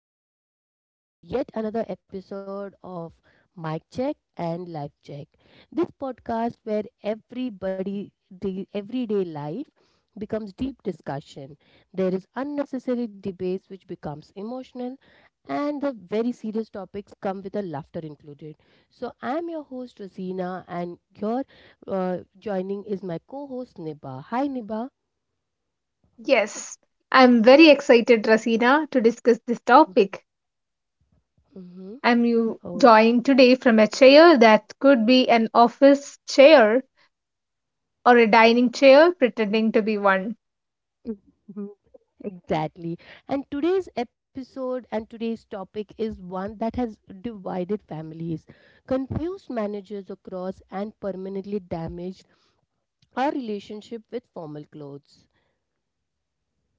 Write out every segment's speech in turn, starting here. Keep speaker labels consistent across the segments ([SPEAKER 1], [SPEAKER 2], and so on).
[SPEAKER 1] and welcome back to yet another episode of Mic Check and Life Check. This podcast where everybody the everyday life becomes deep discussion. There is unnecessary debates which becomes emotional, and the very serious topics come with a laughter included. So I am your host Rosina, and your joining is my co-host Niba. Hi, Niba.
[SPEAKER 2] Yes, I'm very excited, Rasina, to discuss this topic.
[SPEAKER 1] Mm-hmm.
[SPEAKER 2] I'm you
[SPEAKER 1] Oh.
[SPEAKER 2] joined today from a chair that could be an office chair or a dining chair pretending to be one.
[SPEAKER 1] Exactly. And today's episode and today's topic is one that has divided families, confused managers across, and permanently damaged our relationship with formal clothes.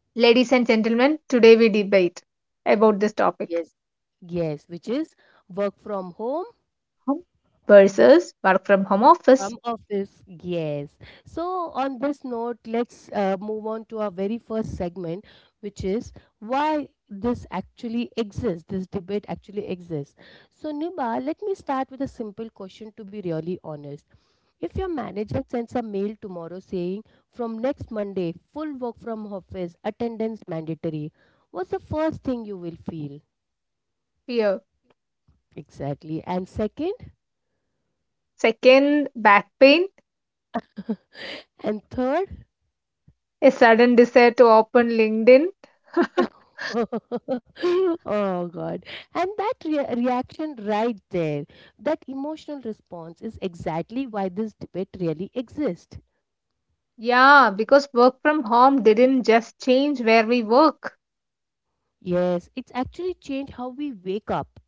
[SPEAKER 2] Ladies and gentlemen, today we debate about this topic.
[SPEAKER 1] Yes. Yes, which is work from home.
[SPEAKER 2] Home versus work from home office
[SPEAKER 1] From office, yes. So, on this note, let's move on to our very first segment, which is why this actually exists, this debate actually exists. So, Niba, let me start with a simple question to be really honest. If your manager sends a mail tomorrow saying, from next Monday, full work from office, attendance mandatory, what's the first thing you will feel?
[SPEAKER 2] fear.
[SPEAKER 1] Exactly. And second,
[SPEAKER 2] Second, back pain,
[SPEAKER 1] and third,
[SPEAKER 2] a sudden desire to open LinkedIn.
[SPEAKER 1] oh god. And that reaction right there, that emotional response is exactly why this debate really exists.
[SPEAKER 2] Yeah, because work from home didn't just change where we work.
[SPEAKER 1] Yes, it's actually changed how we wake up,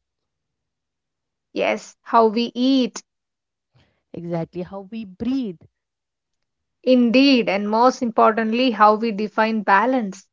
[SPEAKER 2] Yes, how we eat.
[SPEAKER 1] exactly how we breathe.
[SPEAKER 2] Indeed, and most importantly, how we define balance.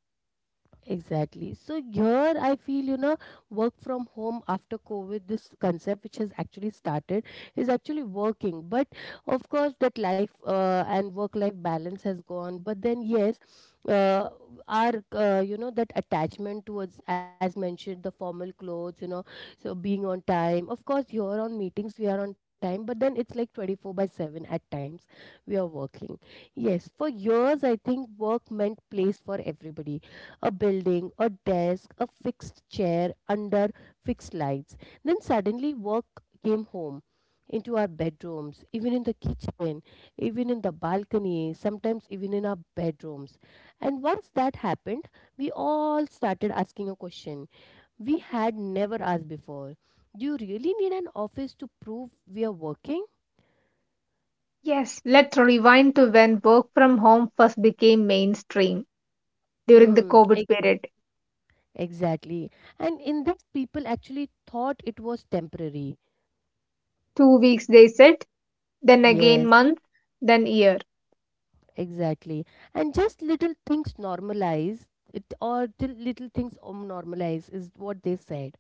[SPEAKER 1] Exactly. So here I feel, you know, work from home after COVID, this concept which has actually started is actually working. But of course, that life and work life balance has gone. But then, yes, uh, our, you know, that attachment towards, as mentioned, the formal clothes, you know, so being on time. Of course, here on meetings, we are on time, but then it's like 24 by 7 at times we are working. Yes, for years, I think work meant place for everybody, a building, a desk, a fixed chair under fixed lights. Then suddenly work came home into our bedrooms, even in the kitchen, even in the balcony, sometimes even in our bedrooms. And once that happened, we all started asking a question we had never asked before. Do you really need an office to prove we are working?
[SPEAKER 2] Yes, let's rewind to when work from home first became mainstream during the
[SPEAKER 1] Mm,
[SPEAKER 2] COVID
[SPEAKER 1] ex-
[SPEAKER 2] period.
[SPEAKER 1] exactly. And in this, people actually thought it was temporary.
[SPEAKER 2] 2 weeks they said, then again
[SPEAKER 1] Yes.
[SPEAKER 2] month, then year.
[SPEAKER 1] Exactly. And just little things normalize it, or till little things normalize is what they said.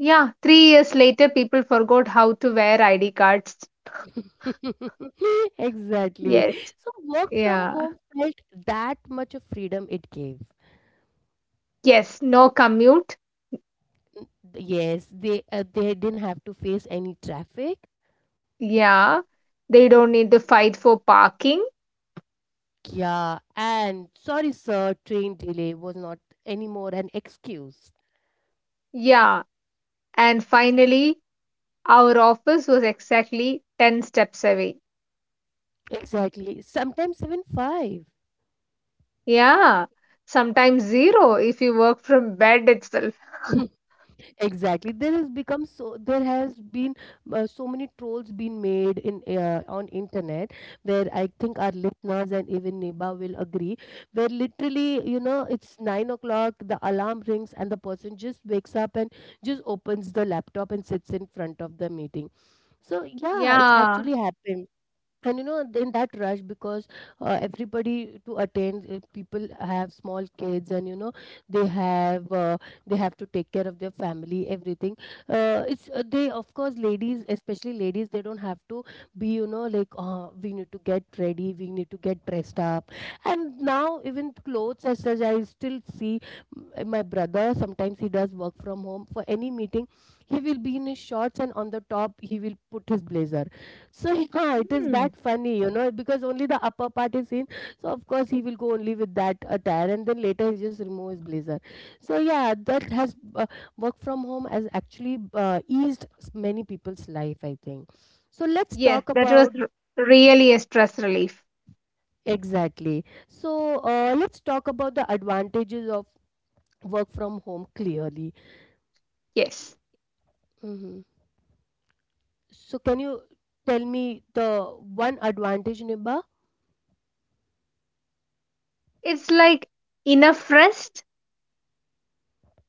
[SPEAKER 2] Yeah, 3 years later, people forgot how to wear ID cards.
[SPEAKER 1] Exactly.
[SPEAKER 2] Yes,
[SPEAKER 1] So work from
[SPEAKER 2] yeah.
[SPEAKER 1] home felt that much of freedom it gave.
[SPEAKER 2] Yes, no commute.
[SPEAKER 1] Yes, they didn't have to face any traffic.
[SPEAKER 2] Yeah, they don't need to fight for parking.
[SPEAKER 1] Yeah, and sorry, sir, train delay was not anymore an excuse.
[SPEAKER 2] Yeah, and finally, our office was exactly 10 steps away.
[SPEAKER 1] Exactly. Sometimes even five.
[SPEAKER 2] Yeah, sometimes zero if you work from bed itself.
[SPEAKER 1] Exactly, there has become, so there has been so many trolls been made in on internet, where I think our listeners and even Neba will agree, where literally, you know, it's 9 o'clock, the alarm rings, and the person just wakes up and just opens the laptop and sits in front of the meeting. So yeah, it's
[SPEAKER 2] Yeah.
[SPEAKER 1] actually happened. And you know, in that rush, because everybody to attend, people have small kids, and you know, they have uh, they have to take care of their family, everything. It's they, of course, ladies, especially ladies, they don't have to be, you know, like, we need to get ready, we need to get dressed up. And now even clothes as such, I still see my brother sometimes, he does work from home. For any meeting, he will be in his shorts, and on the top he will put his blazer. So yeah, it is
[SPEAKER 2] Hmm.
[SPEAKER 1] that funny, you know, because only the upper part is seen. So of course he will go only with that attire, and then later he just remove his blazer. So yeah, that has work from home has actually eased many people's life, I think. So let's
[SPEAKER 2] Yes,
[SPEAKER 1] talk
[SPEAKER 2] that was
[SPEAKER 1] about.
[SPEAKER 2] really a stress relief.
[SPEAKER 1] Exactly. So let's talk about the advantages of work from home clearly.
[SPEAKER 2] Yes.
[SPEAKER 1] Hmm. So can you tell me the one advantage, Niba?
[SPEAKER 2] It's like enough rest.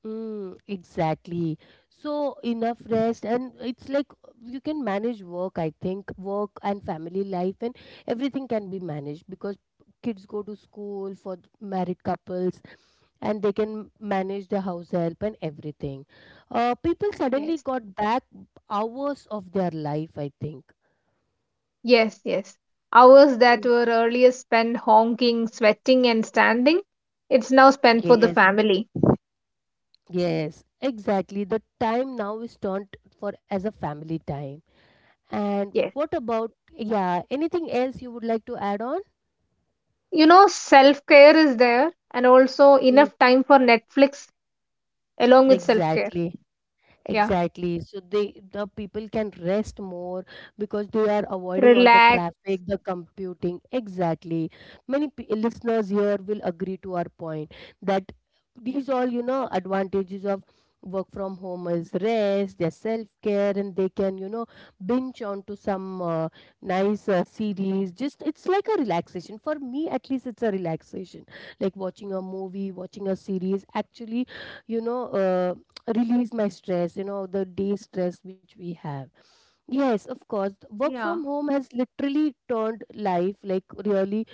[SPEAKER 1] Mm, exactly. So enough rest, and it's like you can manage work, I think, work and family life, and everything can be managed because kids go to school for married couples, and they can manage the house help and everything. People suddenly
[SPEAKER 2] Yes.
[SPEAKER 1] got back hours of their life, I think.
[SPEAKER 2] Yes, yes. Hours that
[SPEAKER 1] Mm.
[SPEAKER 2] were earlier spent honking, sweating, and standing, it's now spent for
[SPEAKER 1] Yes,
[SPEAKER 2] the family.
[SPEAKER 1] yes, exactly. The time now is turned for as a family time. And
[SPEAKER 2] Yes.
[SPEAKER 1] what about, yeah, anything else you would like to add on?
[SPEAKER 2] You know, self care is there and also
[SPEAKER 1] Mm.
[SPEAKER 2] enough time for Netflix along with self care.
[SPEAKER 1] Exactly.
[SPEAKER 2] Yeah.
[SPEAKER 1] Exactly. So they, the people can rest more because they are avoiding all the
[SPEAKER 2] Relax.
[SPEAKER 1] traffic, the computing. Exactly. Many p listeners here will agree to our point that these all, you know, advantages of work from home is rest, their self-care, and they can, you know, binge onto some nice series. Just it's like a relaxation. For me, at least, it's a relaxation. Like watching a movie, watching a series. Actually, you know. Release my stress, you know, the day stress which we have. Yes, of course, work from
[SPEAKER 2] Yeah.
[SPEAKER 1] home has literally turned life like, really.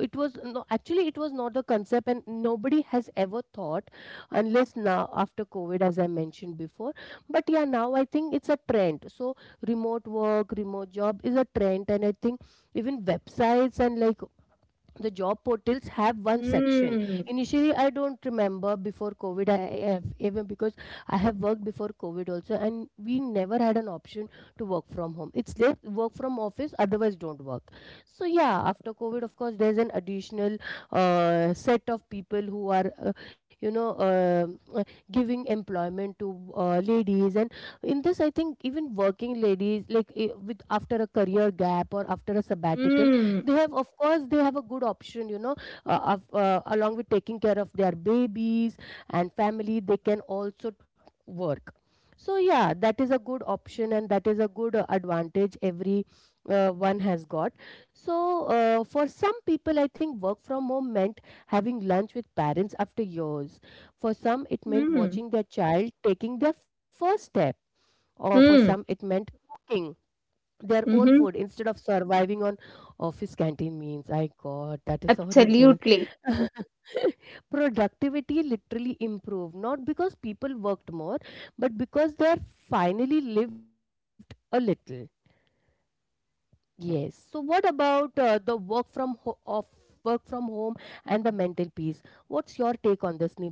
[SPEAKER 1] It was, no, actually, it was not the concept, and nobody has ever thought, unless now after COVID, as I mentioned before. But yeah, now I think it's a trend. So remote work, remote job is a trend, and I think even websites and like the job portals have one section.
[SPEAKER 2] Mm.
[SPEAKER 1] Initially, I don't remember before COVID, I have even, because I have worked before COVID also, and we never had an option to work from home. It's late, work from office, otherwise don't work. So yeah, after COVID, of course, there's an additional set of people who are you know, uh, giving employment to ladies, and in this, I think even working ladies like, with, after a career gap or after a sabbatical,
[SPEAKER 2] Mm,
[SPEAKER 1] they have, of course, they have a good option, you know, of, along with taking care of their babies and family, they can also work. So yeah, that is a good option, and that is a good advantage every one has got. So for some people, I think work from home meant having lunch with parents after years. For some it meant
[SPEAKER 2] mm,
[SPEAKER 1] watching their child taking their first step, or for some it
[SPEAKER 2] mm,
[SPEAKER 1] meant cooking their own food
[SPEAKER 2] mm-hmm.
[SPEAKER 1] instead of surviving on office canteen means, I god, that is horrible.
[SPEAKER 2] Absolutely.
[SPEAKER 1] Productivity literally improved, not because people worked more, but because they are finally lived a little. Yes, so what about the work from ho- of work from home and the mental peace? What's your take on this, Niba?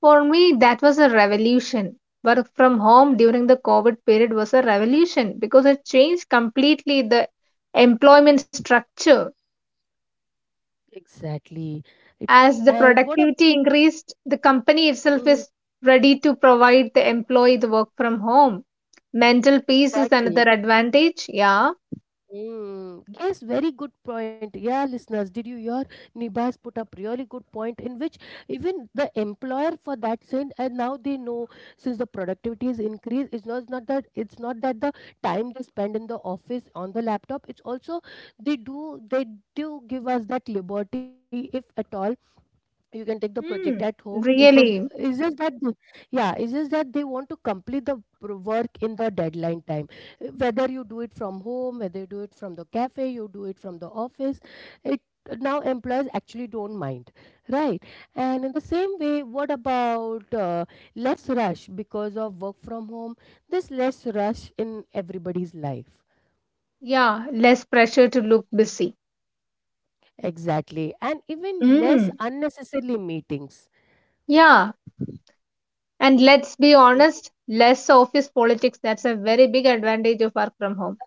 [SPEAKER 2] For me, that was a revolution. Work from home during the COVID period was a revolution because it changed completely the employment structure.
[SPEAKER 1] Exactly. It,
[SPEAKER 2] As the
[SPEAKER 1] and what a,
[SPEAKER 2] productivity increased, the company itself
[SPEAKER 1] mm,
[SPEAKER 2] is ready to provide the employee the work from home. Mental peace is another
[SPEAKER 1] exactly.
[SPEAKER 2] advantage. Yeah.
[SPEAKER 1] Mm, yes, very good point. Yeah, listeners, did you hear? Nibas put up really good point, in which even the employer for that send, and now they know, since the productivity is increased, it's not that, it's not that the time they spend in the office on the laptop. It's also they do, they do give us that liberty. If at all you can take the project
[SPEAKER 2] Mm,
[SPEAKER 1] at home, it is,
[SPEAKER 2] really.
[SPEAKER 1] it's just that yeah, it's just that they want to complete the work in the deadline time. Whether you do it from home, whether you do it from the cafe, you do it from the office, it, now employers actually don't mind, right? And in the same way, what about less rush because of work from home? There's less rush in everybody's life.
[SPEAKER 2] Yeah. Less pressure to look busy.
[SPEAKER 1] Exactly, and even less
[SPEAKER 2] Mm,
[SPEAKER 1] unnecessarily meetings.
[SPEAKER 2] yeah. And let's be honest, less office politics. That's a very big advantage of work from home.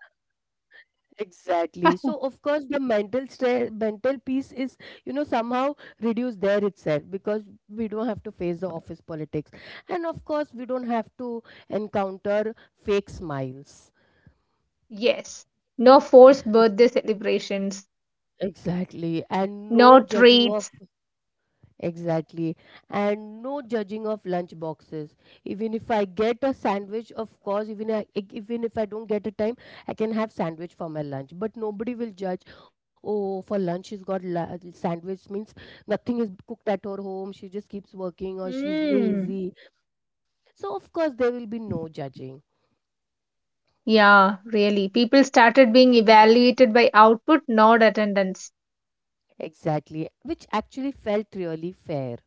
[SPEAKER 1] Exactly. So of course the mental stress, mental peace is, you know, somehow reduced there itself, because we don't have to face the office politics, and of course we don't have to encounter fake smiles.
[SPEAKER 2] Yes. No forced birthday celebrations,
[SPEAKER 1] Exactly, and no
[SPEAKER 2] no
[SPEAKER 1] judging of.
[SPEAKER 2] treats.
[SPEAKER 1] Exactly. And no judging of lunch boxes. Even if I get a sandwich, of course, even I, even if I don't get a time, I can have sandwich for my lunch. But nobody will judge, oh, for lunch she's got sandwich means nothing is cooked at her home. She just keeps working or she's
[SPEAKER 2] Mm.
[SPEAKER 1] lazy. So of course there will be no judging.
[SPEAKER 2] Yeah, really. People started being evaluated by output, not attendance.
[SPEAKER 1] Exactly. Which actually felt really fair.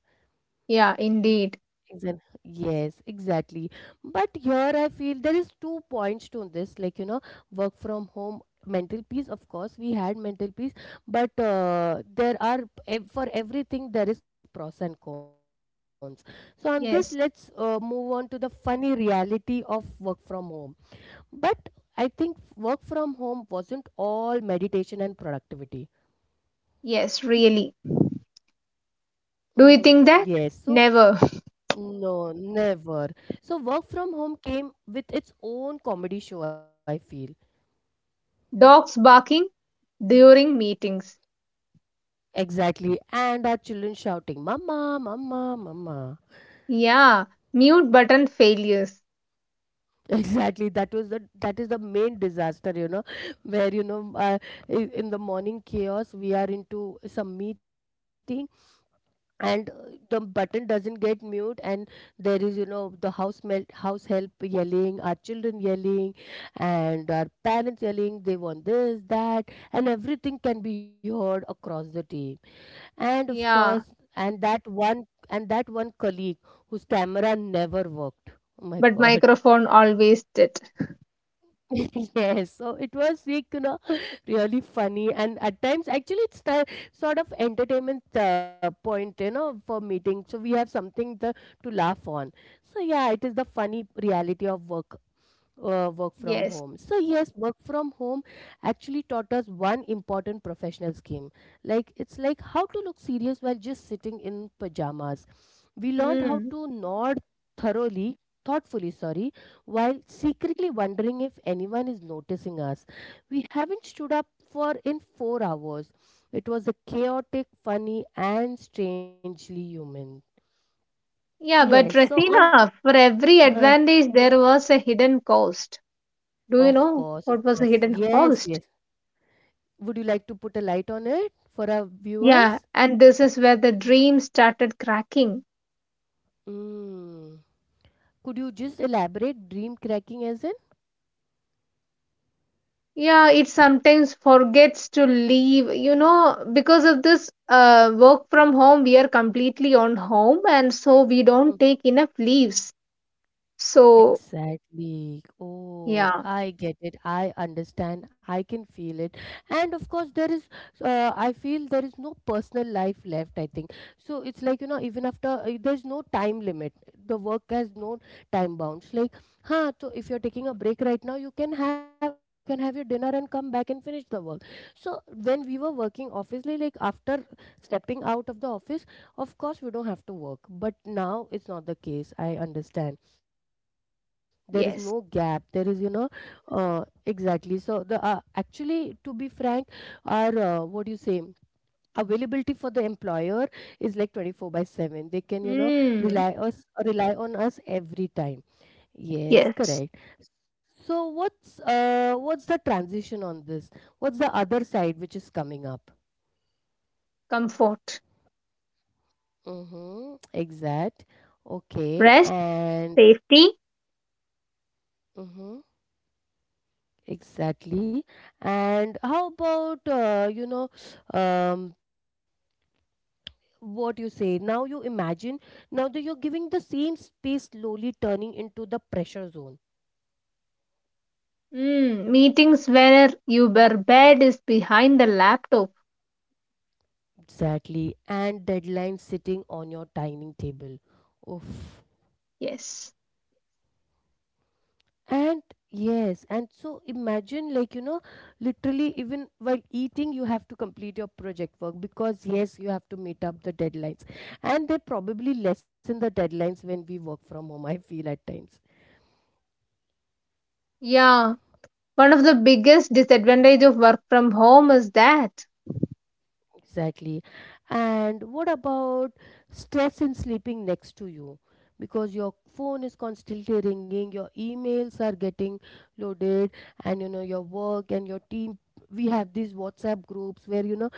[SPEAKER 2] Yeah, indeed.
[SPEAKER 1] Yes, exactly. But here I feel there is two points to this, like, you know, work from home, mental peace. Of course, we had mental peace, but there are for everything there is pros and cons. So on this,
[SPEAKER 2] Yes,
[SPEAKER 1] let's move on to the funny reality of work from home. But I think work from home wasn't all meditation and productivity.
[SPEAKER 2] yes, really. Do you think that?
[SPEAKER 1] Mm-hmm. Yes.
[SPEAKER 2] Never.
[SPEAKER 1] So, no, never. So, work from home came with its own comedy show, I feel.
[SPEAKER 2] Dogs barking during meetings.
[SPEAKER 1] Exactly. And our children shouting, Mama, Mama, Mama.
[SPEAKER 2] Yeah, mute button failures.
[SPEAKER 1] Exactly. That was the, that is the main disaster, you know, where, you know, in the morning chaos we are into some meeting, and the button doesn't get mute, and there is, you know, the house help yelling, our children yelling, and our parents yelling. They want this, that, and everything can be heard across the tea. And of
[SPEAKER 2] Yeah,
[SPEAKER 1] course and that one colleague whose camera never worked. Oh my
[SPEAKER 2] but
[SPEAKER 1] god!
[SPEAKER 2] microphone always did.
[SPEAKER 1] Yes, so it was like really funny, and at times actually it's the sort of entertainment point, you know, for meeting, so we have something to laugh on. So yeah, it is the funny reality of work from
[SPEAKER 2] Yes.
[SPEAKER 1] home. So yes, work from home actually taught us one important professional skill. Like, it's like how to look serious while just sitting in pajamas. We learned how
[SPEAKER 2] Mm.
[SPEAKER 1] to nod thoroughly, thoughtfully, sorry, while secretly wondering if anyone is noticing us. We haven't stood up for in 4 hours. It was a chaotic, funny and strangely human. Yes,
[SPEAKER 2] Yeah,
[SPEAKER 1] so
[SPEAKER 2] but
[SPEAKER 1] on.
[SPEAKER 2] Rasina, for every
[SPEAKER 1] uh,
[SPEAKER 2] advantage, there was a hidden cost. Do
[SPEAKER 1] of
[SPEAKER 2] you know
[SPEAKER 1] course, of
[SPEAKER 2] what was the
[SPEAKER 1] course.
[SPEAKER 2] hidden
[SPEAKER 1] Yes,
[SPEAKER 2] cost?
[SPEAKER 1] yes. Would you like to put a light on it for our
[SPEAKER 2] Yeah,
[SPEAKER 1] viewers?
[SPEAKER 2] and this is where the dream started cracking.
[SPEAKER 1] Mm. Could you just elaborate dream cracking as in?
[SPEAKER 2] Yeah, it sometimes forgets to leave, you know, because of this work from home, we are completely on home, and so we don't take enough leaves. So,
[SPEAKER 1] Exactly. Oh,
[SPEAKER 2] yeah,
[SPEAKER 1] I get it. I understand. I can feel it. And of course, there is, I feel there is no personal life left, I think. So it's like, you know, even after, there's no time limit. The work has no time bounds. Like, so if you're taking a break right now, you can have your dinner and come back and finish the work. So when we were working obviously, like after stepping out of the office, of course, we don't have to work. But now it's not the case. I understand there is no gap. There is
[SPEAKER 2] yes.
[SPEAKER 1] exactly. So the actually, to be frank, our what do you say, availability for the employer is like 24 by 7. They can, you know,
[SPEAKER 2] Mm.
[SPEAKER 1] rely us rely on us every time. Yes,
[SPEAKER 2] Yes.
[SPEAKER 1] correct. So what's the transition on this? What's the other side which is coming up?
[SPEAKER 2] Comfort,
[SPEAKER 1] Mm-hmm. Exact. Okay.
[SPEAKER 2] rest,
[SPEAKER 1] And
[SPEAKER 2] safety.
[SPEAKER 1] mhm. Exactly. And how about, you know, um, what you say? Now you imagine, now that you're giving the same space slowly turning into the pressure zone.
[SPEAKER 2] Mm, meetings where your bed is behind the laptop.
[SPEAKER 1] Exactly. And deadline sitting on your dining table. Oof.
[SPEAKER 2] Yes.
[SPEAKER 1] And yes, and so imagine, like, you know, literally, even while eating, you have to complete your project work because, yes, you have to meet up the deadlines. And they probably lessen the deadlines when we work from home, I feel at times.
[SPEAKER 2] Yeah. One of the biggest disadvantage of work from home is that.
[SPEAKER 1] Exactly. And what about stress in sleeping next to you? Because your phone is constantly ringing, your emails are getting loaded, and, you know, your work and your team. We have these WhatsApp groups where, you know,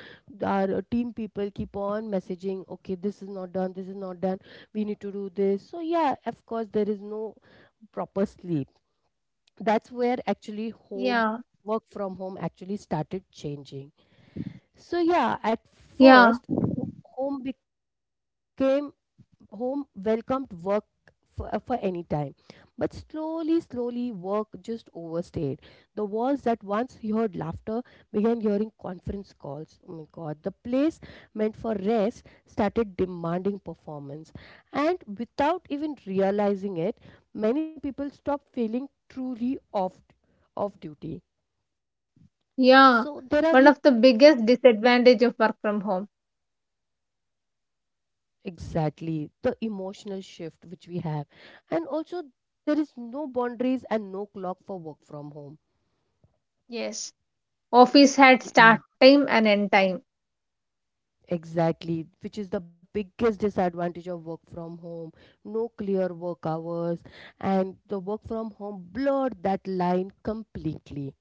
[SPEAKER 1] our team people keep on messaging, okay, this is not done, we need to do this. So, yeah, of course, there is no proper sleep. That's where actually home
[SPEAKER 2] Yeah.
[SPEAKER 1] work from home actually started changing. So yeah, at
[SPEAKER 2] Yeah.
[SPEAKER 1] first, home became, home welcomed work for any time, but slowly, slowly, work just overstayed. The walls that once heard laughter began hearing conference calls. Oh my God! The place meant for rest started demanding performance, and without even realizing it, many people stopped feeling truly off duty.
[SPEAKER 2] Yeah.
[SPEAKER 1] So there are
[SPEAKER 2] One
[SPEAKER 1] like.
[SPEAKER 2] of the biggest disadvantage of work from home.
[SPEAKER 1] Exactly, the emotional shift which we have. And also, there is no boundaries and no clock for work from home.
[SPEAKER 2] Yes. Office had start
[SPEAKER 1] Yeah.
[SPEAKER 2] time and end time.
[SPEAKER 1] Exactly, which is the biggest disadvantage of work from home. No clear work hours, and the work from home blurred that line completely.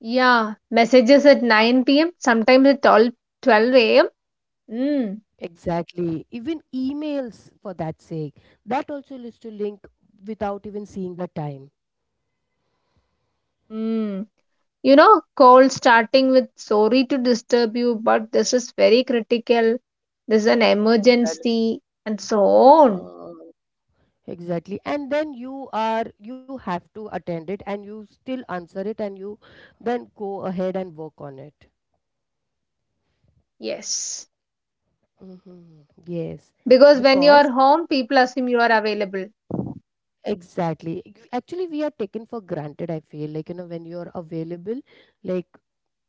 [SPEAKER 2] Yeah. Messages at 9 p.m. Sometimes at twelve a.m. Mm.
[SPEAKER 1] Exactly, even emails for that sake. That also leads to link without even seeing the time.
[SPEAKER 2] Mm. You know, cold starting with sorry to disturb you, but this is very critical. This is an
[SPEAKER 1] Well,
[SPEAKER 2] emergency and so on.
[SPEAKER 1] Uh, exactly. And then you have to attend it, and you still answer it, and you then go ahead and work on it.
[SPEAKER 2] Yes.
[SPEAKER 1] Hmm. Yes.
[SPEAKER 2] Because when you
[SPEAKER 1] Because
[SPEAKER 2] are home, people assume you are available.
[SPEAKER 1] exactly. Actually, we are taken for granted, I feel like, you know, when you're available, like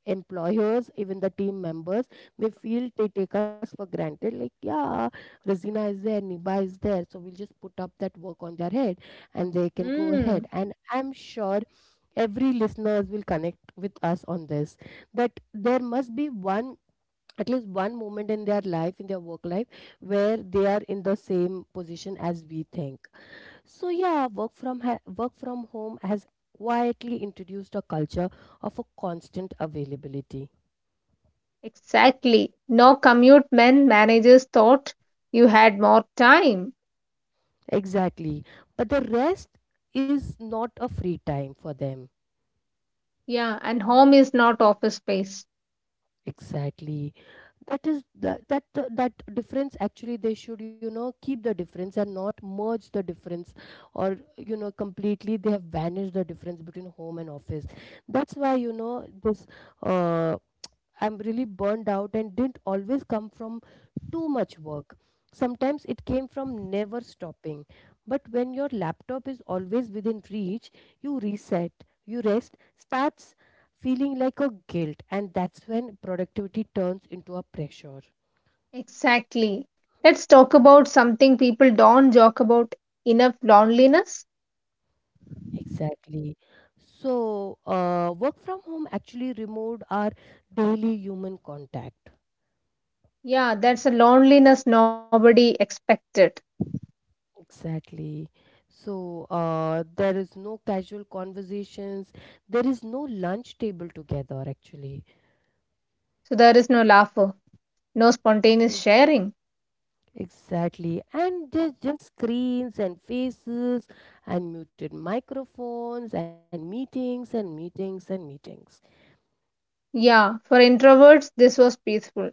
[SPEAKER 1] employers, even the team members, they feel they take us for granted. Like, yeah, Razina is there, Niba is there. So we'll just put up that work on their head and they can go ahead.
[SPEAKER 2] Mm,
[SPEAKER 1] And I'm sure every listeners will connect with us on this, that there must be one, at least one moment in their life, in their work life, where they are in the same position as we think. So yeah, work from home has quietly introduced a culture of a constant availability.
[SPEAKER 2] exactly. No commute men managers thought you had more time.
[SPEAKER 1] Exactly. But the rest is not a free time for them.
[SPEAKER 2] Yeah, and home is not office space.
[SPEAKER 1] Exactly. That is that that That difference actually they should, you know, keep the difference and not merge the difference, or, you know, completely they have vanished the difference between home and office. That's why, you know, this uh I'm really burned out and didn't always come from too much work. Sometimes it came from never stopping. But when your laptop is always within reach, you reset, you rest, starts feeling like a guilt, and that's when productivity turns into a pressure.
[SPEAKER 2] Exactly. Let's talk about something people don't joke about enough loneliness.
[SPEAKER 1] Exactly. So, work from home actually removed our daily human contact.
[SPEAKER 2] Yeah, that's a loneliness nobody expected.
[SPEAKER 1] Exactly. So there is no casual conversations. There is no lunch table together, actually.
[SPEAKER 2] So there is no laughter, no spontaneous
[SPEAKER 1] Mm.
[SPEAKER 2] sharing.
[SPEAKER 1] Exactly. And there's just screens and faces and muted microphones and meetings and meetings and meetings.
[SPEAKER 2] Yeah, for introverts, this was peaceful.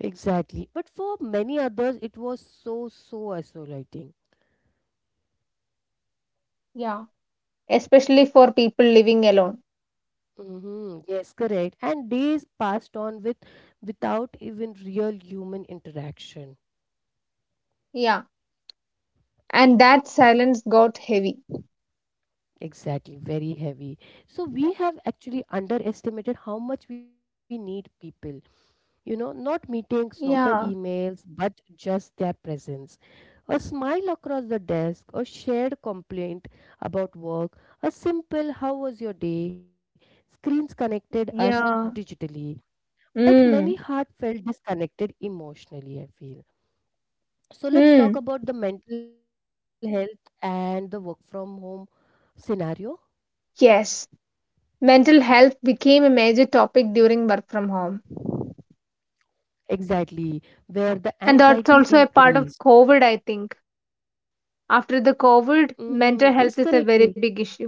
[SPEAKER 1] Exactly. But for many others, it was so, so isolating.
[SPEAKER 2] Yeah, especially for people living alone.
[SPEAKER 1] Mm-hmm. Yes, correct. And days passed on without even real human interaction.
[SPEAKER 2] Yeah, and that silence got heavy.
[SPEAKER 1] Exactly, very heavy. So we have actually underestimated how much we need people. You know, not meetings, not the
[SPEAKER 2] Yeah,
[SPEAKER 1] emails, but just their presence. A smile across the desk, a shared complaint about work, a simple how was your day? Screens connected us
[SPEAKER 2] yeah.
[SPEAKER 1] digitally, but many
[SPEAKER 2] Mm,
[SPEAKER 1] heart felt disconnected emotionally, I feel. So let's talk
[SPEAKER 2] mm.
[SPEAKER 1] about the mental health and the work from home scenario.
[SPEAKER 2] Yes, mental health became a major topic during work from home.
[SPEAKER 1] Exactly, where the
[SPEAKER 2] And
[SPEAKER 1] anxiety
[SPEAKER 2] that's also a part
[SPEAKER 1] increased.
[SPEAKER 2] of COVID, I think. After the
[SPEAKER 1] Hmm. Yes,
[SPEAKER 2] COVID,
[SPEAKER 1] correctly.
[SPEAKER 2] mental health is a very big issue.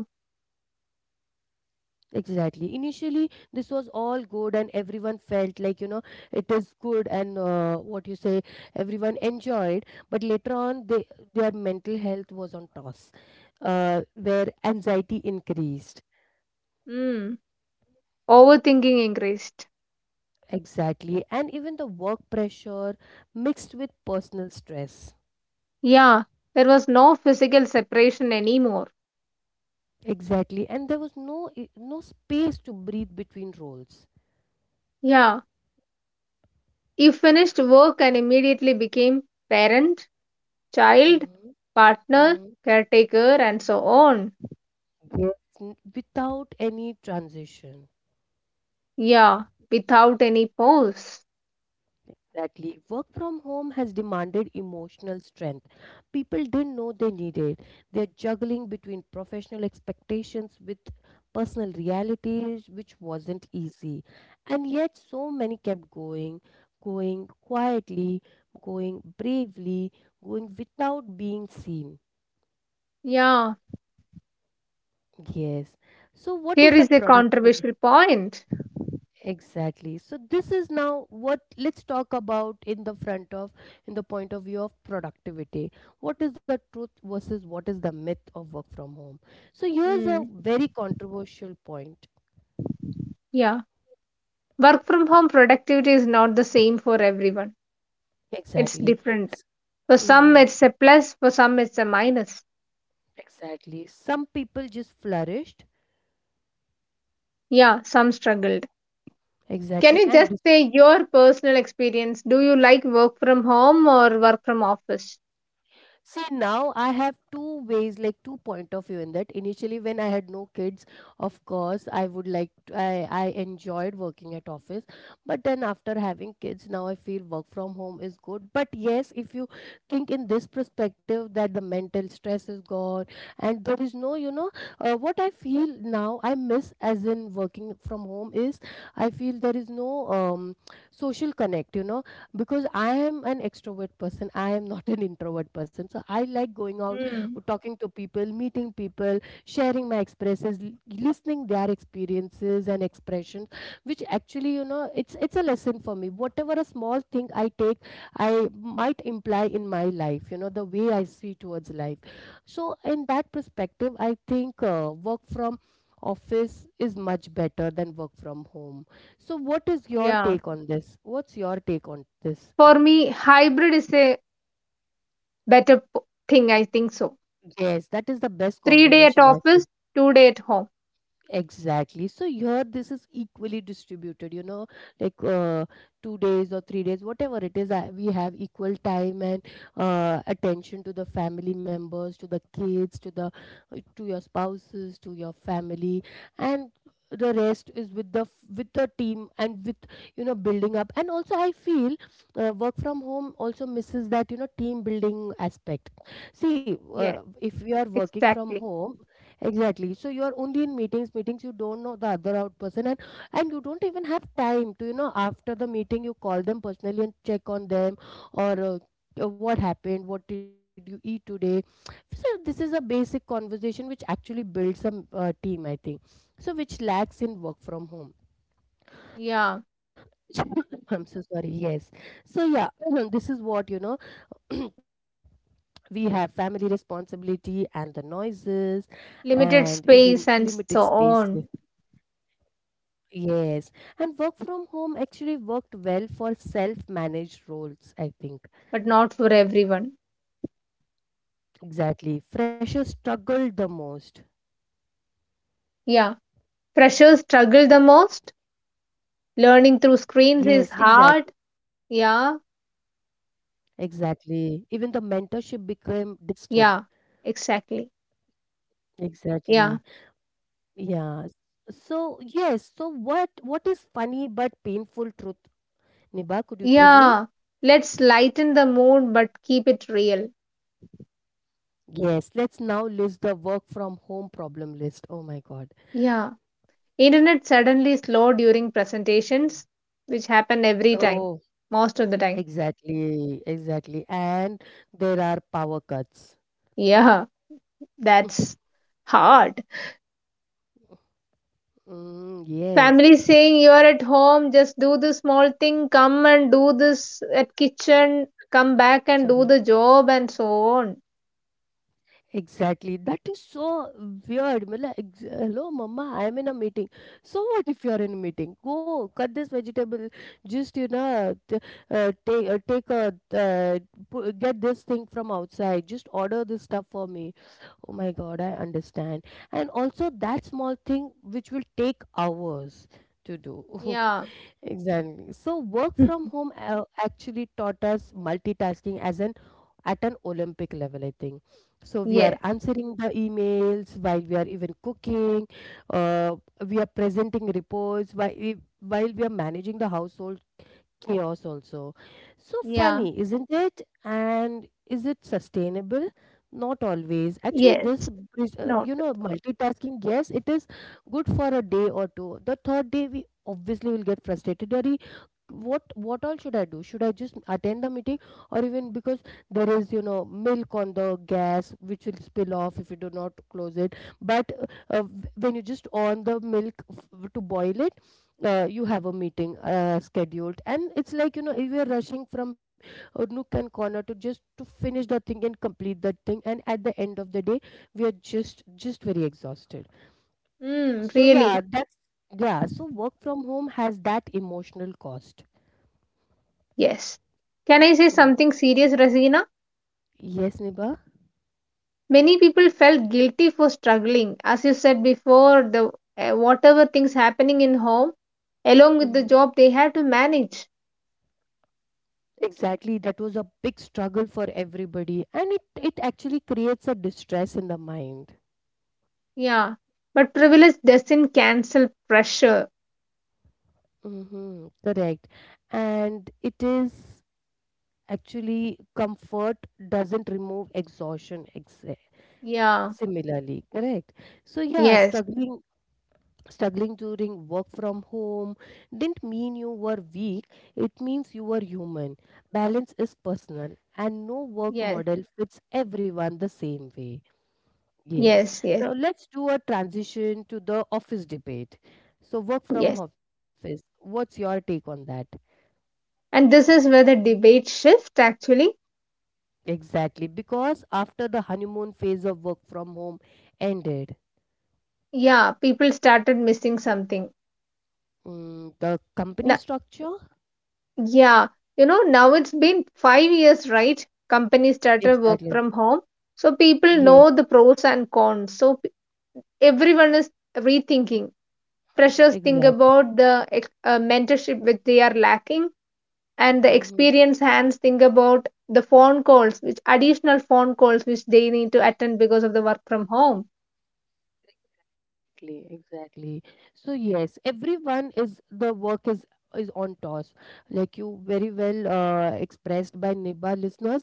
[SPEAKER 1] Exactly. Initially, this was all good, and everyone felt like, you know, it is good, and what you say, everyone enjoyed. But later on, their mental health was on toss, where anxiety increased.
[SPEAKER 2] Mm. Overthinking increased.
[SPEAKER 1] Exactly. And even the work pressure mixed with personal stress.
[SPEAKER 2] Yeah, there was no physical separation anymore.
[SPEAKER 1] Exactly. And there was no space to breathe between roles.
[SPEAKER 2] Yeah, you finished work and immediately became parent, child,
[SPEAKER 1] Mm-hmm.
[SPEAKER 2] partner,
[SPEAKER 1] Mm,
[SPEAKER 2] caretaker, and so on.
[SPEAKER 1] yes, without any transition.
[SPEAKER 2] Yeah, without any pause.
[SPEAKER 1] Exactly. Work from home has demanded emotional strength. People didn't know they needed. They're juggling between professional expectations with personal realities, which wasn't easy. And yet, so many kept going, going quietly, going bravely, going without being seen.
[SPEAKER 2] Yeah,
[SPEAKER 1] Yes. So, what
[SPEAKER 2] here
[SPEAKER 1] is the
[SPEAKER 2] is a
[SPEAKER 1] productivity?
[SPEAKER 2] controversial point.
[SPEAKER 1] Exactly. So this is now what, let's talk about in the front of, in the point of view of productivity. What is the truth versus what is the myth of work from home? So here's a
[SPEAKER 2] Mm,
[SPEAKER 1] very controversial point.
[SPEAKER 2] yeah, work from home productivity is not the same for everyone, it's
[SPEAKER 1] Exactly.
[SPEAKER 2] different.
[SPEAKER 1] S-
[SPEAKER 2] For some,
[SPEAKER 1] mhm.
[SPEAKER 2] it's a plus, for some, it's a minus.
[SPEAKER 1] Exactly. Some people just flourished,
[SPEAKER 2] Yeah, some struggled. Can
[SPEAKER 1] exactly,
[SPEAKER 2] you just
[SPEAKER 1] and
[SPEAKER 2] say your personal experience? Do you like work from home or work from office?
[SPEAKER 1] see, now I have two ways, like two point of view in that. Initially, when I had no kids, of course, I would like to, I enjoyed working at office, but then after having kids, now I feel work from home is good. But yes, if you think in this perspective that the mental stress is gone and there is no, you know, what I feel now I miss as in working from home is I feel there is no social connect. You know, because I am an extrovert person. I am not an introvert person. So I like going out,
[SPEAKER 2] Hmm.
[SPEAKER 1] talking to people, meeting people, sharing my expresses, listening their experiences and expressions, which actually, you know, it's a lesson for me. Whatever a small thing I take, I might imply in my life, you know, the way I see towards life. So in that perspective, I think work from office is much better than work from home. So what is your
[SPEAKER 2] Yeah.
[SPEAKER 1] take on this? What's your take on this?
[SPEAKER 2] For me, hybrid is a better thing. I think so.
[SPEAKER 1] Yes, that is the best
[SPEAKER 2] 3 day at
[SPEAKER 1] combination I feel.
[SPEAKER 2] office, 2 day at home.
[SPEAKER 1] Exactly. So here this is equally distributed, you know, like uh, two days or three days, whatever it is, we have equal time and attention to the family members, to the kids, to the to your spouses, to your family, and the rest is with the with the team and with, you know, building up. And also, I feel work from home also misses that, you know, team building aspect. See,
[SPEAKER 2] Yes,
[SPEAKER 1] if we are working from
[SPEAKER 2] exactly.
[SPEAKER 1] home. Exactly. So you are only in meetings, meetings, you don't know the other out person, and you don't even have time to, you know, after the meeting you call them personally and check on them or what happened, what did you eat today. So this is a basic conversation which actually builds some team, I think. So which lacks in work from home.
[SPEAKER 2] Yeah.
[SPEAKER 1] I'm so sorry. Yes. So yeah, this is what, you know, we have family responsibility and the noises
[SPEAKER 2] Limited
[SPEAKER 1] and even
[SPEAKER 2] space and so
[SPEAKER 1] limited space.
[SPEAKER 2] on,
[SPEAKER 1] Yes, and work from home actually worked well for self-managed roles, I think.
[SPEAKER 2] but not for everyone.
[SPEAKER 1] Exactly. Freshers struggled the most.
[SPEAKER 2] Yeah. Freshers struggle the most. Learning through screens is
[SPEAKER 1] Yes,
[SPEAKER 2] hard.
[SPEAKER 1] exactly.
[SPEAKER 2] Yeah.
[SPEAKER 1] Exactly. Even the mentorship became distant.
[SPEAKER 2] Yeah. Exactly.
[SPEAKER 1] Exactly.
[SPEAKER 2] Yeah.
[SPEAKER 1] Yeah. So what is funny but painful truth? Niba, could you tell me?
[SPEAKER 2] Yeah, let's lighten the mood but keep it real.
[SPEAKER 1] Yes, let's now list the work from home problem list. Oh my God.
[SPEAKER 2] Yeah, internet suddenly slow during presentations, which happen every time,
[SPEAKER 1] Oh,
[SPEAKER 2] most of the time.
[SPEAKER 1] exactly. Exactly. And there are power cuts.
[SPEAKER 2] Yeah,
[SPEAKER 1] Mhm.
[SPEAKER 2] that's hard.
[SPEAKER 1] Yes.
[SPEAKER 2] Family saying you're at home, just do the small thing, come and do this at kitchen, come back and do
[SPEAKER 1] Sorry.
[SPEAKER 2] the job and so on.
[SPEAKER 1] Exactly. That is so weird. Mala, hello, mama. I am in a meeting. So what if you are in a meeting? Go cut this vegetable. Just you know, t- take take a uh, get this thing from outside. Just order this stuff for me. Oh my God, I understand. And also that small thing which will take hours to do.
[SPEAKER 2] Yeah.
[SPEAKER 1] Exactly. So work from home actually taught us multitasking as an at an Olympic level, I think. So we are
[SPEAKER 2] Yes.
[SPEAKER 1] answering the emails while we are even cooking. Uh, we are presenting reports while we are managing the household chaos also. So
[SPEAKER 2] Yeah.
[SPEAKER 1] funny, isn't it? And is it sustainable? Not always. Actually,
[SPEAKER 2] Yes.
[SPEAKER 1] this, is,
[SPEAKER 2] Not.
[SPEAKER 1] you know, multitasking, yes, it is good for a day or two. The third day, we obviously will get frustrated. Are What all should I do? Should I just attend the meeting, or even because there is milk on the gas which will spill off if you do not close it. But when you just on the milk to boil it, you have a meeting scheduled, and it's like you know if you're rushing from nook and corner to just to finish the thing and complete the thing, and at the end of the day we are just very exhausted.
[SPEAKER 2] Mm,
[SPEAKER 1] So yeah,
[SPEAKER 2] really.
[SPEAKER 1] that's yeah. So work from home has that emotional cost.
[SPEAKER 2] Yes. Can I say
[SPEAKER 1] Mm.
[SPEAKER 2] something serious, Rasina?
[SPEAKER 1] Yes, Niba.
[SPEAKER 2] Many people felt guilty for struggling. As you said before, the whatever things happening in home, along with the
[SPEAKER 1] Mm,
[SPEAKER 2] job, they had to manage.
[SPEAKER 1] exactly. That was a big struggle for everybody, and it actually creates a distress in the mind.
[SPEAKER 2] Yeah, but privilege doesn't cancel pressure.
[SPEAKER 1] Mm-hmm, correct. And it is actually Comfort doesn't remove exhaustion.
[SPEAKER 2] Yeah,
[SPEAKER 1] Similarly, correct. So yeah,
[SPEAKER 2] yes,
[SPEAKER 1] struggling during work from home didn't mean you were weak. It means you were human. Balance is personal, and no work
[SPEAKER 2] yes,
[SPEAKER 1] model fits everyone the same way. Yes.
[SPEAKER 2] yes, yes,
[SPEAKER 1] Now let's do a transition to the office debate. So, work from
[SPEAKER 2] yes.
[SPEAKER 1] office, what's your take on that?
[SPEAKER 2] And this is where the debate shift actually.
[SPEAKER 1] Exactly. Because after the honeymoon phase of work from home ended,
[SPEAKER 2] Yeah, people started missing something.
[SPEAKER 1] mm, the company
[SPEAKER 2] Now,
[SPEAKER 1] structure?
[SPEAKER 2] yeah, you know, now it's been 5 years, right? Companies started work
[SPEAKER 1] Exactly.
[SPEAKER 2] from home. So people know
[SPEAKER 1] Yes,
[SPEAKER 2] the pros and cons. So everyone is rethinking. Freshers think
[SPEAKER 1] exactly.
[SPEAKER 2] about the mentorship which they are lacking, and the
[SPEAKER 1] Mm-hmm.
[SPEAKER 2] experienced hands think about the phone calls, which additional phone calls which they need to attend because of the work from home.
[SPEAKER 1] Exactly, exactly. So yes, everyone is the work is on toss. Like you very well expressed by Niba listeners,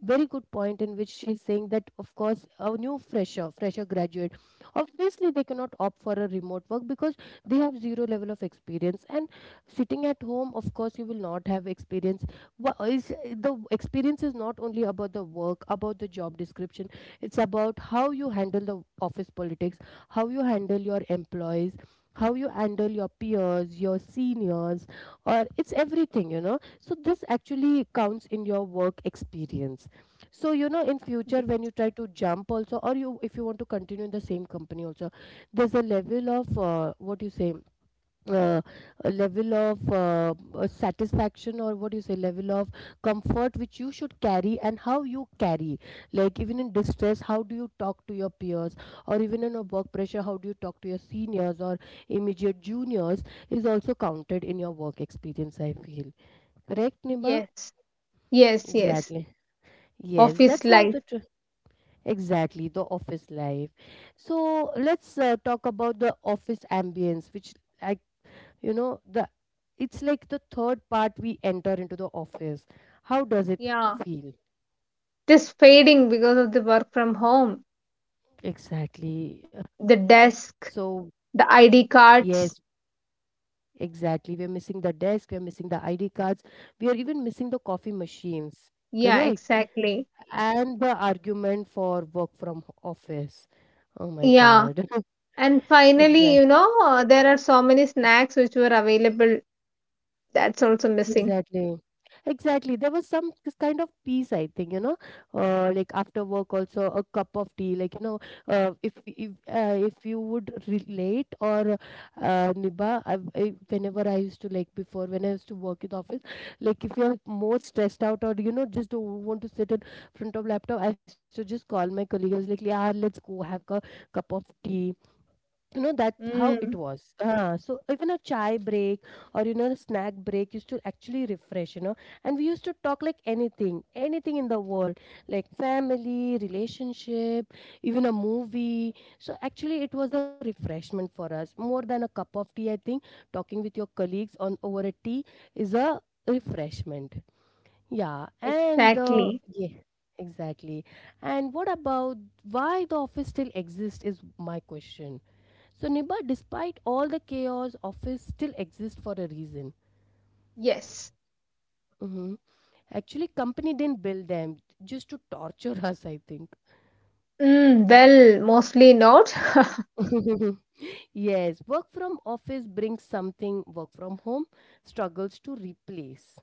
[SPEAKER 1] very good point in which she's saying that of course a new fresher graduate, obviously they cannot opt for a remote work because they have zero level of experience and sitting at home, of course you will not have experience. Wha- Is the experience is not only about the work, about the job description. It's about how you handle the office politics, how you handle your employees, how you handle your peers, your seniors, or it's everything, you know, so this actually counts in your work experience. So you know in future when you try to jump also, or you if you want to continue in the same company also, there's a level of what you say uh, a level of satisfaction, or what do you say, level of comfort which you should carry, and how you carry, like even in distress how do you talk to your peers, or even in a work pressure how do you talk to your seniors or immediate juniors, is also counted in your work experience, I feel. Correct, Nima?
[SPEAKER 2] Yes, yes, yes.
[SPEAKER 1] Exactly. yes
[SPEAKER 2] Office
[SPEAKER 1] that's how
[SPEAKER 2] life.
[SPEAKER 1] the tr- exactly The office life. So let's talk about the office ambience, which I you know the it's like the third part we enter into the office. How does it
[SPEAKER 2] Yeah.
[SPEAKER 1] feel?
[SPEAKER 2] It is fading because of the work from home.
[SPEAKER 1] Exactly.
[SPEAKER 2] The
[SPEAKER 1] So
[SPEAKER 2] desk, the ID
[SPEAKER 1] yes
[SPEAKER 2] cards.
[SPEAKER 1] exactly, we're missing the desk, we're missing the ID cards, we are even missing the coffee machines.
[SPEAKER 2] Yeah,
[SPEAKER 1] Correct.
[SPEAKER 2] exactly.
[SPEAKER 1] And the argument for work from office, oh my
[SPEAKER 2] Yeah.
[SPEAKER 1] god.
[SPEAKER 2] And finally,
[SPEAKER 1] Exactly.
[SPEAKER 2] you know, there are so many snacks which were available. That's also missing.
[SPEAKER 1] Exactly. Exactly. There was some kind of peace, I think, you know, like after work, also a cup of tea, like, you know, if you would relate, or Niba, whenever I used to, like before, when I used to work in the office, like if you're more stressed out or, you know, just don't want to sit in front of laptop, I used to just call my colleagues, like, yeah, let's go have a cup of tea. You know that how it
[SPEAKER 2] Mm,
[SPEAKER 1] was, so even a chai break or you know a snack break used to actually refresh, you know. And we used to talk like anything in the world, like family, relationship, even a movie. So actually it was a refreshment for us more than a cup of tea, I think. Talking with your colleagues on over a tea is a refreshment. Yeah and the
[SPEAKER 2] exactly.
[SPEAKER 1] yeah Exactly. And what about why the office still exists is my question. So, Nibba, despite all the chaos, office still exist for a reason.
[SPEAKER 2] Yes.
[SPEAKER 1] Hmm. Actually, company didn't build them just to torture us, I think.
[SPEAKER 2] Mm, well, mostly not.
[SPEAKER 1] Yes, work from office brings something work from home struggles to replace.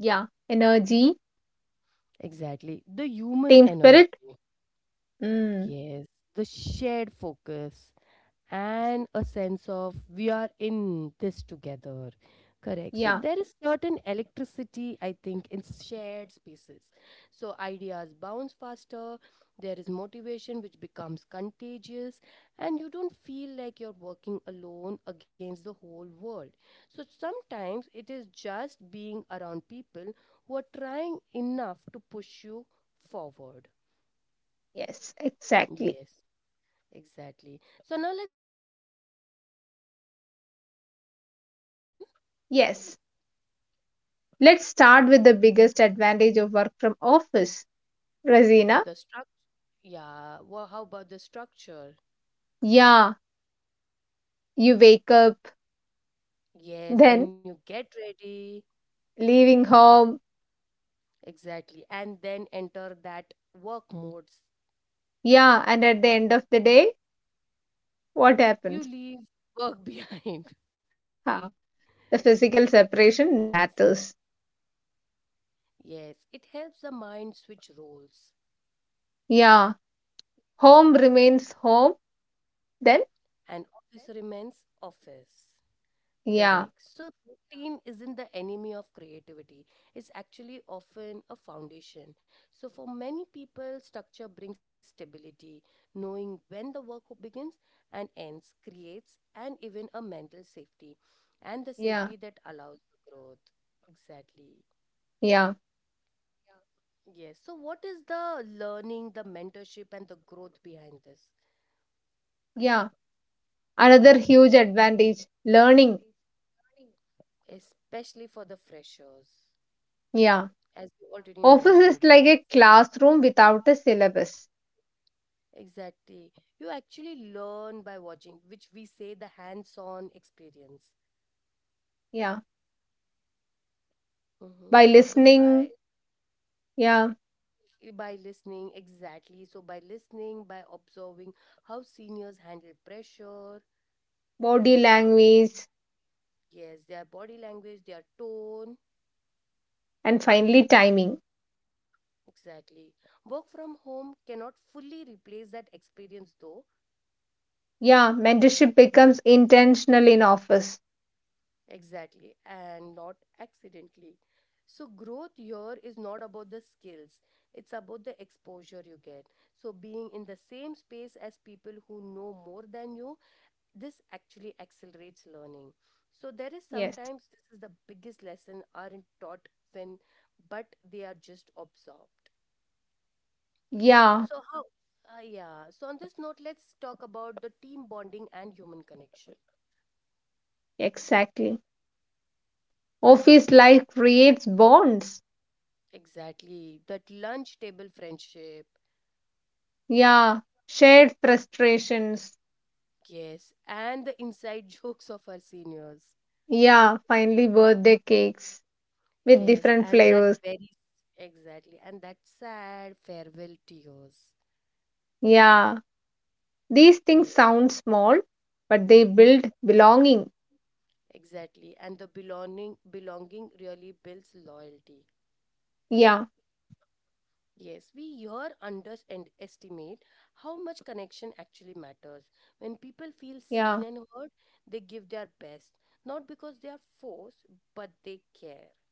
[SPEAKER 2] Yeah. Energy,
[SPEAKER 1] Exactly. The human
[SPEAKER 2] team
[SPEAKER 1] energy.
[SPEAKER 2] spirit. Mm,
[SPEAKER 1] Yes, the shared focus, and a sense of we are in this together. Correct. So
[SPEAKER 2] yeah.
[SPEAKER 1] there is certain electricity, I think, in shared spaces. So ideas bounce faster, there is motivation which becomes contagious, and you don't feel like you're working alone against the whole world. So sometimes it is just being around people who are trying enough to push you forward.
[SPEAKER 2] Yes, exactly.
[SPEAKER 1] Yes. Exactly. So now let's discuss about the structure, routine, and discipline.
[SPEAKER 2] Yes. Let's
[SPEAKER 1] Yeah,
[SPEAKER 2] start with the biggest advantage of work from office, Razina.
[SPEAKER 1] the structure. Yeah. Well, how about the structure?
[SPEAKER 2] Yeah. You wake up,
[SPEAKER 1] Yes. Then
[SPEAKER 2] then
[SPEAKER 1] you get ready.
[SPEAKER 2] leaving home.
[SPEAKER 1] Exactly, and then enter that work modes.
[SPEAKER 2] Yeah. And at the end of the day, what
[SPEAKER 1] You
[SPEAKER 2] happens?
[SPEAKER 1] leave work behind.
[SPEAKER 2] Huh, the physical
[SPEAKER 1] Exactly.
[SPEAKER 2] separation matters.
[SPEAKER 1] Yes, it helps the mind switch roles,
[SPEAKER 2] Yeah. Home remains home. Then
[SPEAKER 1] and office remains office. Correct.
[SPEAKER 2] yeah,
[SPEAKER 1] So routine isn't the enemy of creativity. It's actually often a foundation. So for many people, structure brings stability. Knowing when the work begins and ends creates and even a mental safety, and the safety that
[SPEAKER 2] yeah,
[SPEAKER 1] allows the growth. Exactly.
[SPEAKER 2] yeah,
[SPEAKER 1] Yes. So what is the learning, the mentorship and the growth behind this?
[SPEAKER 2] yeah. Another huge advantage, learning.
[SPEAKER 1] Especially for the freshers.
[SPEAKER 2] Yeah.
[SPEAKER 1] As you already
[SPEAKER 2] Office
[SPEAKER 1] mentioned.
[SPEAKER 2] is like
[SPEAKER 1] Yes.
[SPEAKER 2] a classroom without a syllabus.
[SPEAKER 1] Exactly. You actually learn by watching, which we say the hands-on experience.
[SPEAKER 2] Yeah.
[SPEAKER 1] Hmm.
[SPEAKER 2] By
[SPEAKER 1] So by
[SPEAKER 2] listening, yeah,
[SPEAKER 1] by listening, exactly. So by listening, by observing how seniors handle pressure,
[SPEAKER 2] body language,
[SPEAKER 1] yes, their body language, their tone,
[SPEAKER 2] and finally timing.
[SPEAKER 1] exactly. Work from home cannot fully replace that experience though.
[SPEAKER 2] Yeah, mentorship becomes intentional in office.
[SPEAKER 1] Exactly, and not accidentally. So, growth here is not about the skills, it's about the exposure you get. So, being in the same space as people who know more than you, this actually accelerates learning. So, there is
[SPEAKER 2] Yes.
[SPEAKER 1] sometimes this is the biggest lesson aren't taught when, but they are just absorbed.
[SPEAKER 2] Yeah,
[SPEAKER 1] So, how? On this note, let's talk about the team bonding and human connection.
[SPEAKER 2] exactly. Office life creates bonds.
[SPEAKER 1] Exactly. That lunch table friendship,
[SPEAKER 2] Yeah, shared frustrations.
[SPEAKER 1] yes, and the inside jokes of our seniors.
[SPEAKER 2] Yeah, finally birthday cakes with
[SPEAKER 1] Yes,
[SPEAKER 2] different
[SPEAKER 1] and that
[SPEAKER 2] flavors.
[SPEAKER 1] very Exactly, and that sad farewell tears.
[SPEAKER 2] Yeah, these things
[SPEAKER 1] Yes,
[SPEAKER 2] sound small, but they
[SPEAKER 1] ex
[SPEAKER 2] build belonging.
[SPEAKER 1] exactly. And the belonging really builds loyalty.
[SPEAKER 2] Yeah,
[SPEAKER 1] Yes, we here underestimate how much connection actually matters. When people feel
[SPEAKER 2] yeah,
[SPEAKER 1] seen and heard, they give their best, not because they are forced, but they care.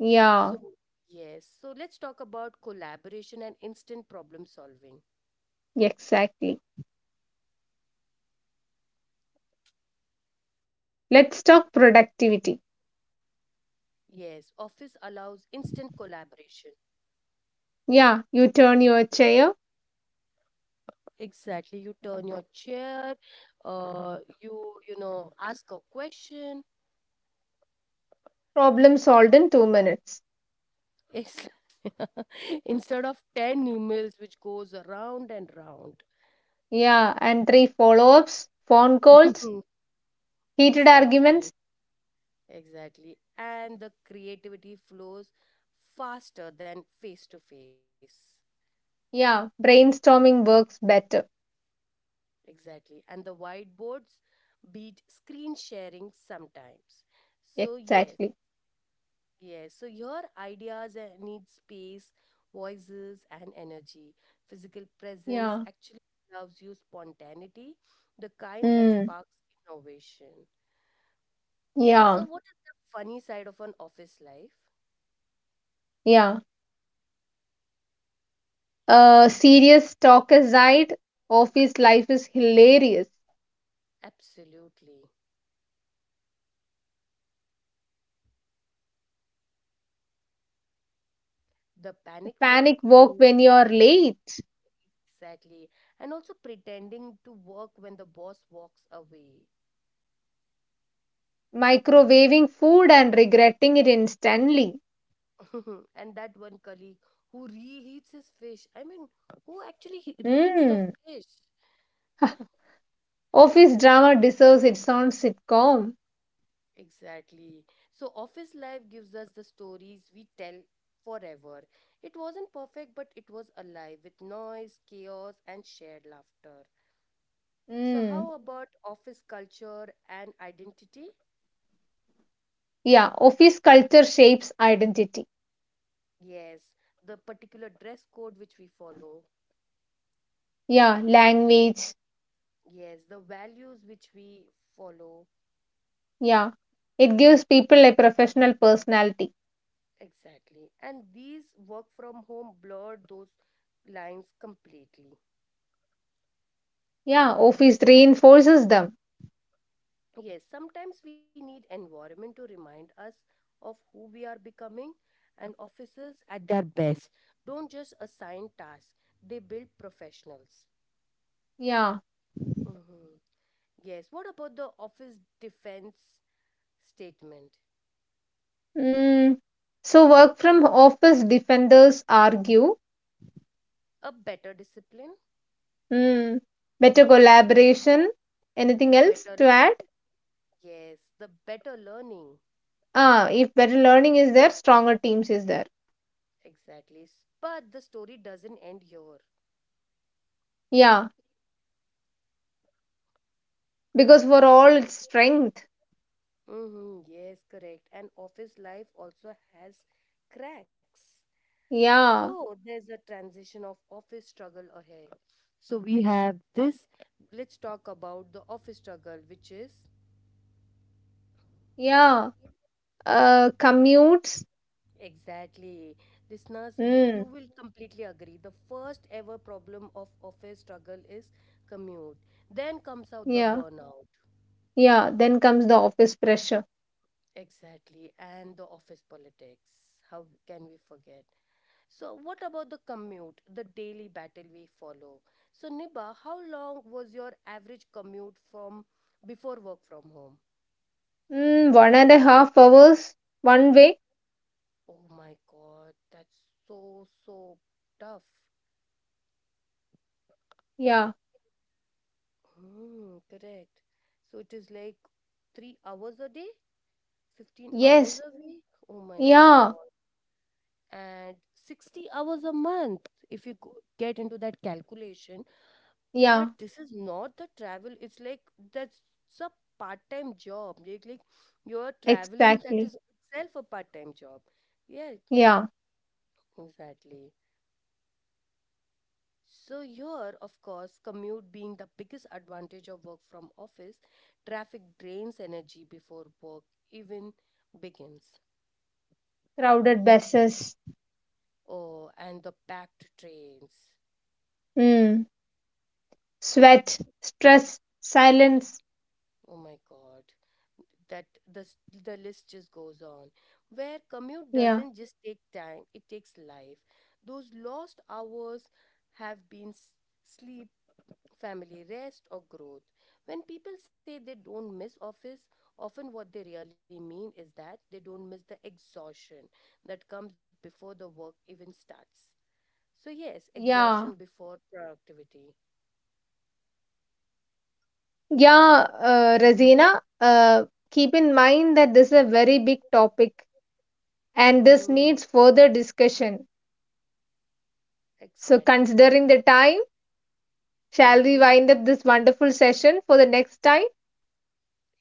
[SPEAKER 2] yeah,
[SPEAKER 1] So, yes, so let's talk about collaboration and instant problem solving.
[SPEAKER 2] exactly. Let's talk productivity.
[SPEAKER 1] Yes, office allows instant collaboration.
[SPEAKER 2] Yeah, you turn your chair,
[SPEAKER 1] Exactly, you turn your chair, you know ask a question.
[SPEAKER 2] problem solved in 2 minutes.
[SPEAKER 1] It's instead of 10 emails which goes around and round.
[SPEAKER 2] Yeah, and three follow ups, phone calls, heated arguments.
[SPEAKER 1] Exactly, exactly. And the creativity flows faster than face to face.
[SPEAKER 2] Yeah, brainstorming works better.
[SPEAKER 1] Exactly. And the whiteboards beat screen sharing sometimes. So, yes,
[SPEAKER 2] Exactly.
[SPEAKER 1] yes. So, your ideas need space, voices, and energy. Physical presence
[SPEAKER 2] Yeah,
[SPEAKER 1] actually allows you spontaneity, the kind that
[SPEAKER 2] mm,
[SPEAKER 1] sparks innovation.
[SPEAKER 2] yeah,
[SPEAKER 1] So, what is the funny side of an office life?
[SPEAKER 2] yeah. Serious talk aside, office life is hilarious.
[SPEAKER 1] Absolutely. The panic walk
[SPEAKER 2] Panic walk
[SPEAKER 1] when
[SPEAKER 2] when you're late.
[SPEAKER 1] exactly, and also pretending to work when the boss walks away.
[SPEAKER 2] Microwaving food and regretting it instantly.
[SPEAKER 1] And that one colleague who reheats his fish. I mean, who actually reheats the
[SPEAKER 2] Mm.
[SPEAKER 1] fish?
[SPEAKER 2] Office drama deserves its own sitcom.
[SPEAKER 1] Exactly. So, office life gives us the stories we tell forever. It wasn't perfect, but it was alive with noise, chaos, and shared laughter. So, how
[SPEAKER 2] Mm.
[SPEAKER 1] about office culture and identity?
[SPEAKER 2] Yeah, office culture shapes identity.
[SPEAKER 1] Yes, the particular dress code which we follow.
[SPEAKER 2] Yeah, language.
[SPEAKER 1] Yes, the values which we follow.
[SPEAKER 2] Yeah, it gives people a professional personality.
[SPEAKER 1] Exactly. And these work from home blurred those lines completely.
[SPEAKER 2] Yeah, office reinforces them.
[SPEAKER 1] Yes, sometimes we need environment to remind us of who we are becoming, and officers at their best don't just assign tasks, they build professionals.
[SPEAKER 2] Yeah.
[SPEAKER 1] Mhm. Yes, what about the office defense statement?
[SPEAKER 2] Mm. So, work from office defenders argue.
[SPEAKER 1] A better discipline,
[SPEAKER 2] Mm. Better collaboration. Anything else to
[SPEAKER 1] better,
[SPEAKER 2] add?
[SPEAKER 1] yes, the better learning.
[SPEAKER 2] Ah, if better learning is there, stronger teams is there.
[SPEAKER 1] Exactly. But the story doesn't end here.
[SPEAKER 2] Yeah, because for all its strength.
[SPEAKER 1] Mm-hmm, yes, correct. And office life also has cracks.
[SPEAKER 2] Yeah,
[SPEAKER 1] So there's a transition of office struggle ahead. So we have this. Let's talk about the office struggle, which is
[SPEAKER 2] yeah. Commutes.
[SPEAKER 1] exactly listeners. You
[SPEAKER 2] Mm,
[SPEAKER 1] will completely agree. The first ever problem of office struggle is commute. Then comes out the
[SPEAKER 2] yeah,
[SPEAKER 1] burnout.
[SPEAKER 2] yeah. Then comes the office pressure.
[SPEAKER 1] Exactly. And the office politics. How can we forget? So, what about the commute, the daily battle we follow? So, Niba, how long was your average commute from before work from home?
[SPEAKER 2] Mm, 1.5 hours one way.
[SPEAKER 1] Oh my God, that's so tough.
[SPEAKER 2] Yeah,
[SPEAKER 1] Hmm, correct. So, it is like 3 hours a day, 15 hours
[SPEAKER 2] yes,
[SPEAKER 1] a week. Oh my
[SPEAKER 2] yeah,
[SPEAKER 1] God. And 60 hours a month, if you get into that calculation,
[SPEAKER 2] yeah.
[SPEAKER 1] but this is not the travel. It's like that's a part-time job. Like you're traveling, that
[SPEAKER 2] Exactly.
[SPEAKER 1] is itself a part-time job. Yeah,
[SPEAKER 2] Yeah.
[SPEAKER 1] exactly. So here, of course, commute being the biggest advantage of work from office, traffic drains energy before work even begins.
[SPEAKER 2] Crowded buses.
[SPEAKER 1] Oh, and the packed trains.
[SPEAKER 2] Mm, sweat, stress, silence.
[SPEAKER 1] Oh my God. that the s- the list just goes on, where commute
[SPEAKER 2] Yeah,
[SPEAKER 1] doesn't just take time, it takes life. Those lost hours have been sleep, family, rest or growth. When people say they don't miss office, often what they really mean is that they don't miss the exhaustion that comes before the work even starts. So yes, exhaustion
[SPEAKER 2] yeah,
[SPEAKER 1] before productivity.
[SPEAKER 2] yeah. Razina, keep in mind that this is a very big topic and this
[SPEAKER 1] mm,
[SPEAKER 2] needs further discussion. So,
[SPEAKER 1] exactly.
[SPEAKER 2] considering the time, shall we
[SPEAKER 1] Mm-hmm.
[SPEAKER 2] wind up this wonderful session for the next time?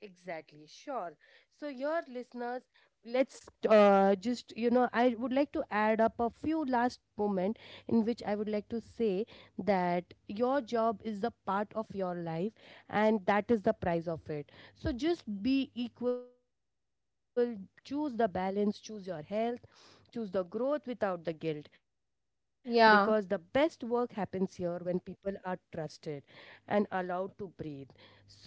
[SPEAKER 1] Exactly, sure. So, your listeners, let's just, you know, I would like to add up a few last moment in which I would like to say that your job is a part of your life and that is the price of it. So, just be equal, choose the balance, choose your health, choose the growth without the guilt, because the best work happens here
[SPEAKER 2] Yeah,
[SPEAKER 1] when people are trusted and allowed to breathe. So,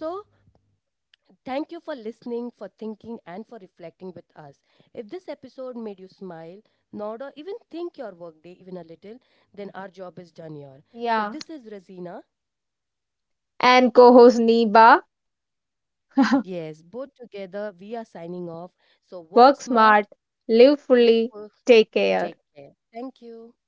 [SPEAKER 1] thank you for listening, for thinking, and for reflecting with us. If this episode made you smile, nod, or even think your workday even a little, then our job is done here. So, this is
[SPEAKER 2] yeah.
[SPEAKER 1] Razina.
[SPEAKER 2] And co host Neba,
[SPEAKER 1] Yes, both together we are signing off. So, work
[SPEAKER 2] work
[SPEAKER 1] smart,
[SPEAKER 2] smart, live
[SPEAKER 1] live
[SPEAKER 2] fully,
[SPEAKER 1] full,
[SPEAKER 2] take care.
[SPEAKER 1] take care. Thank you.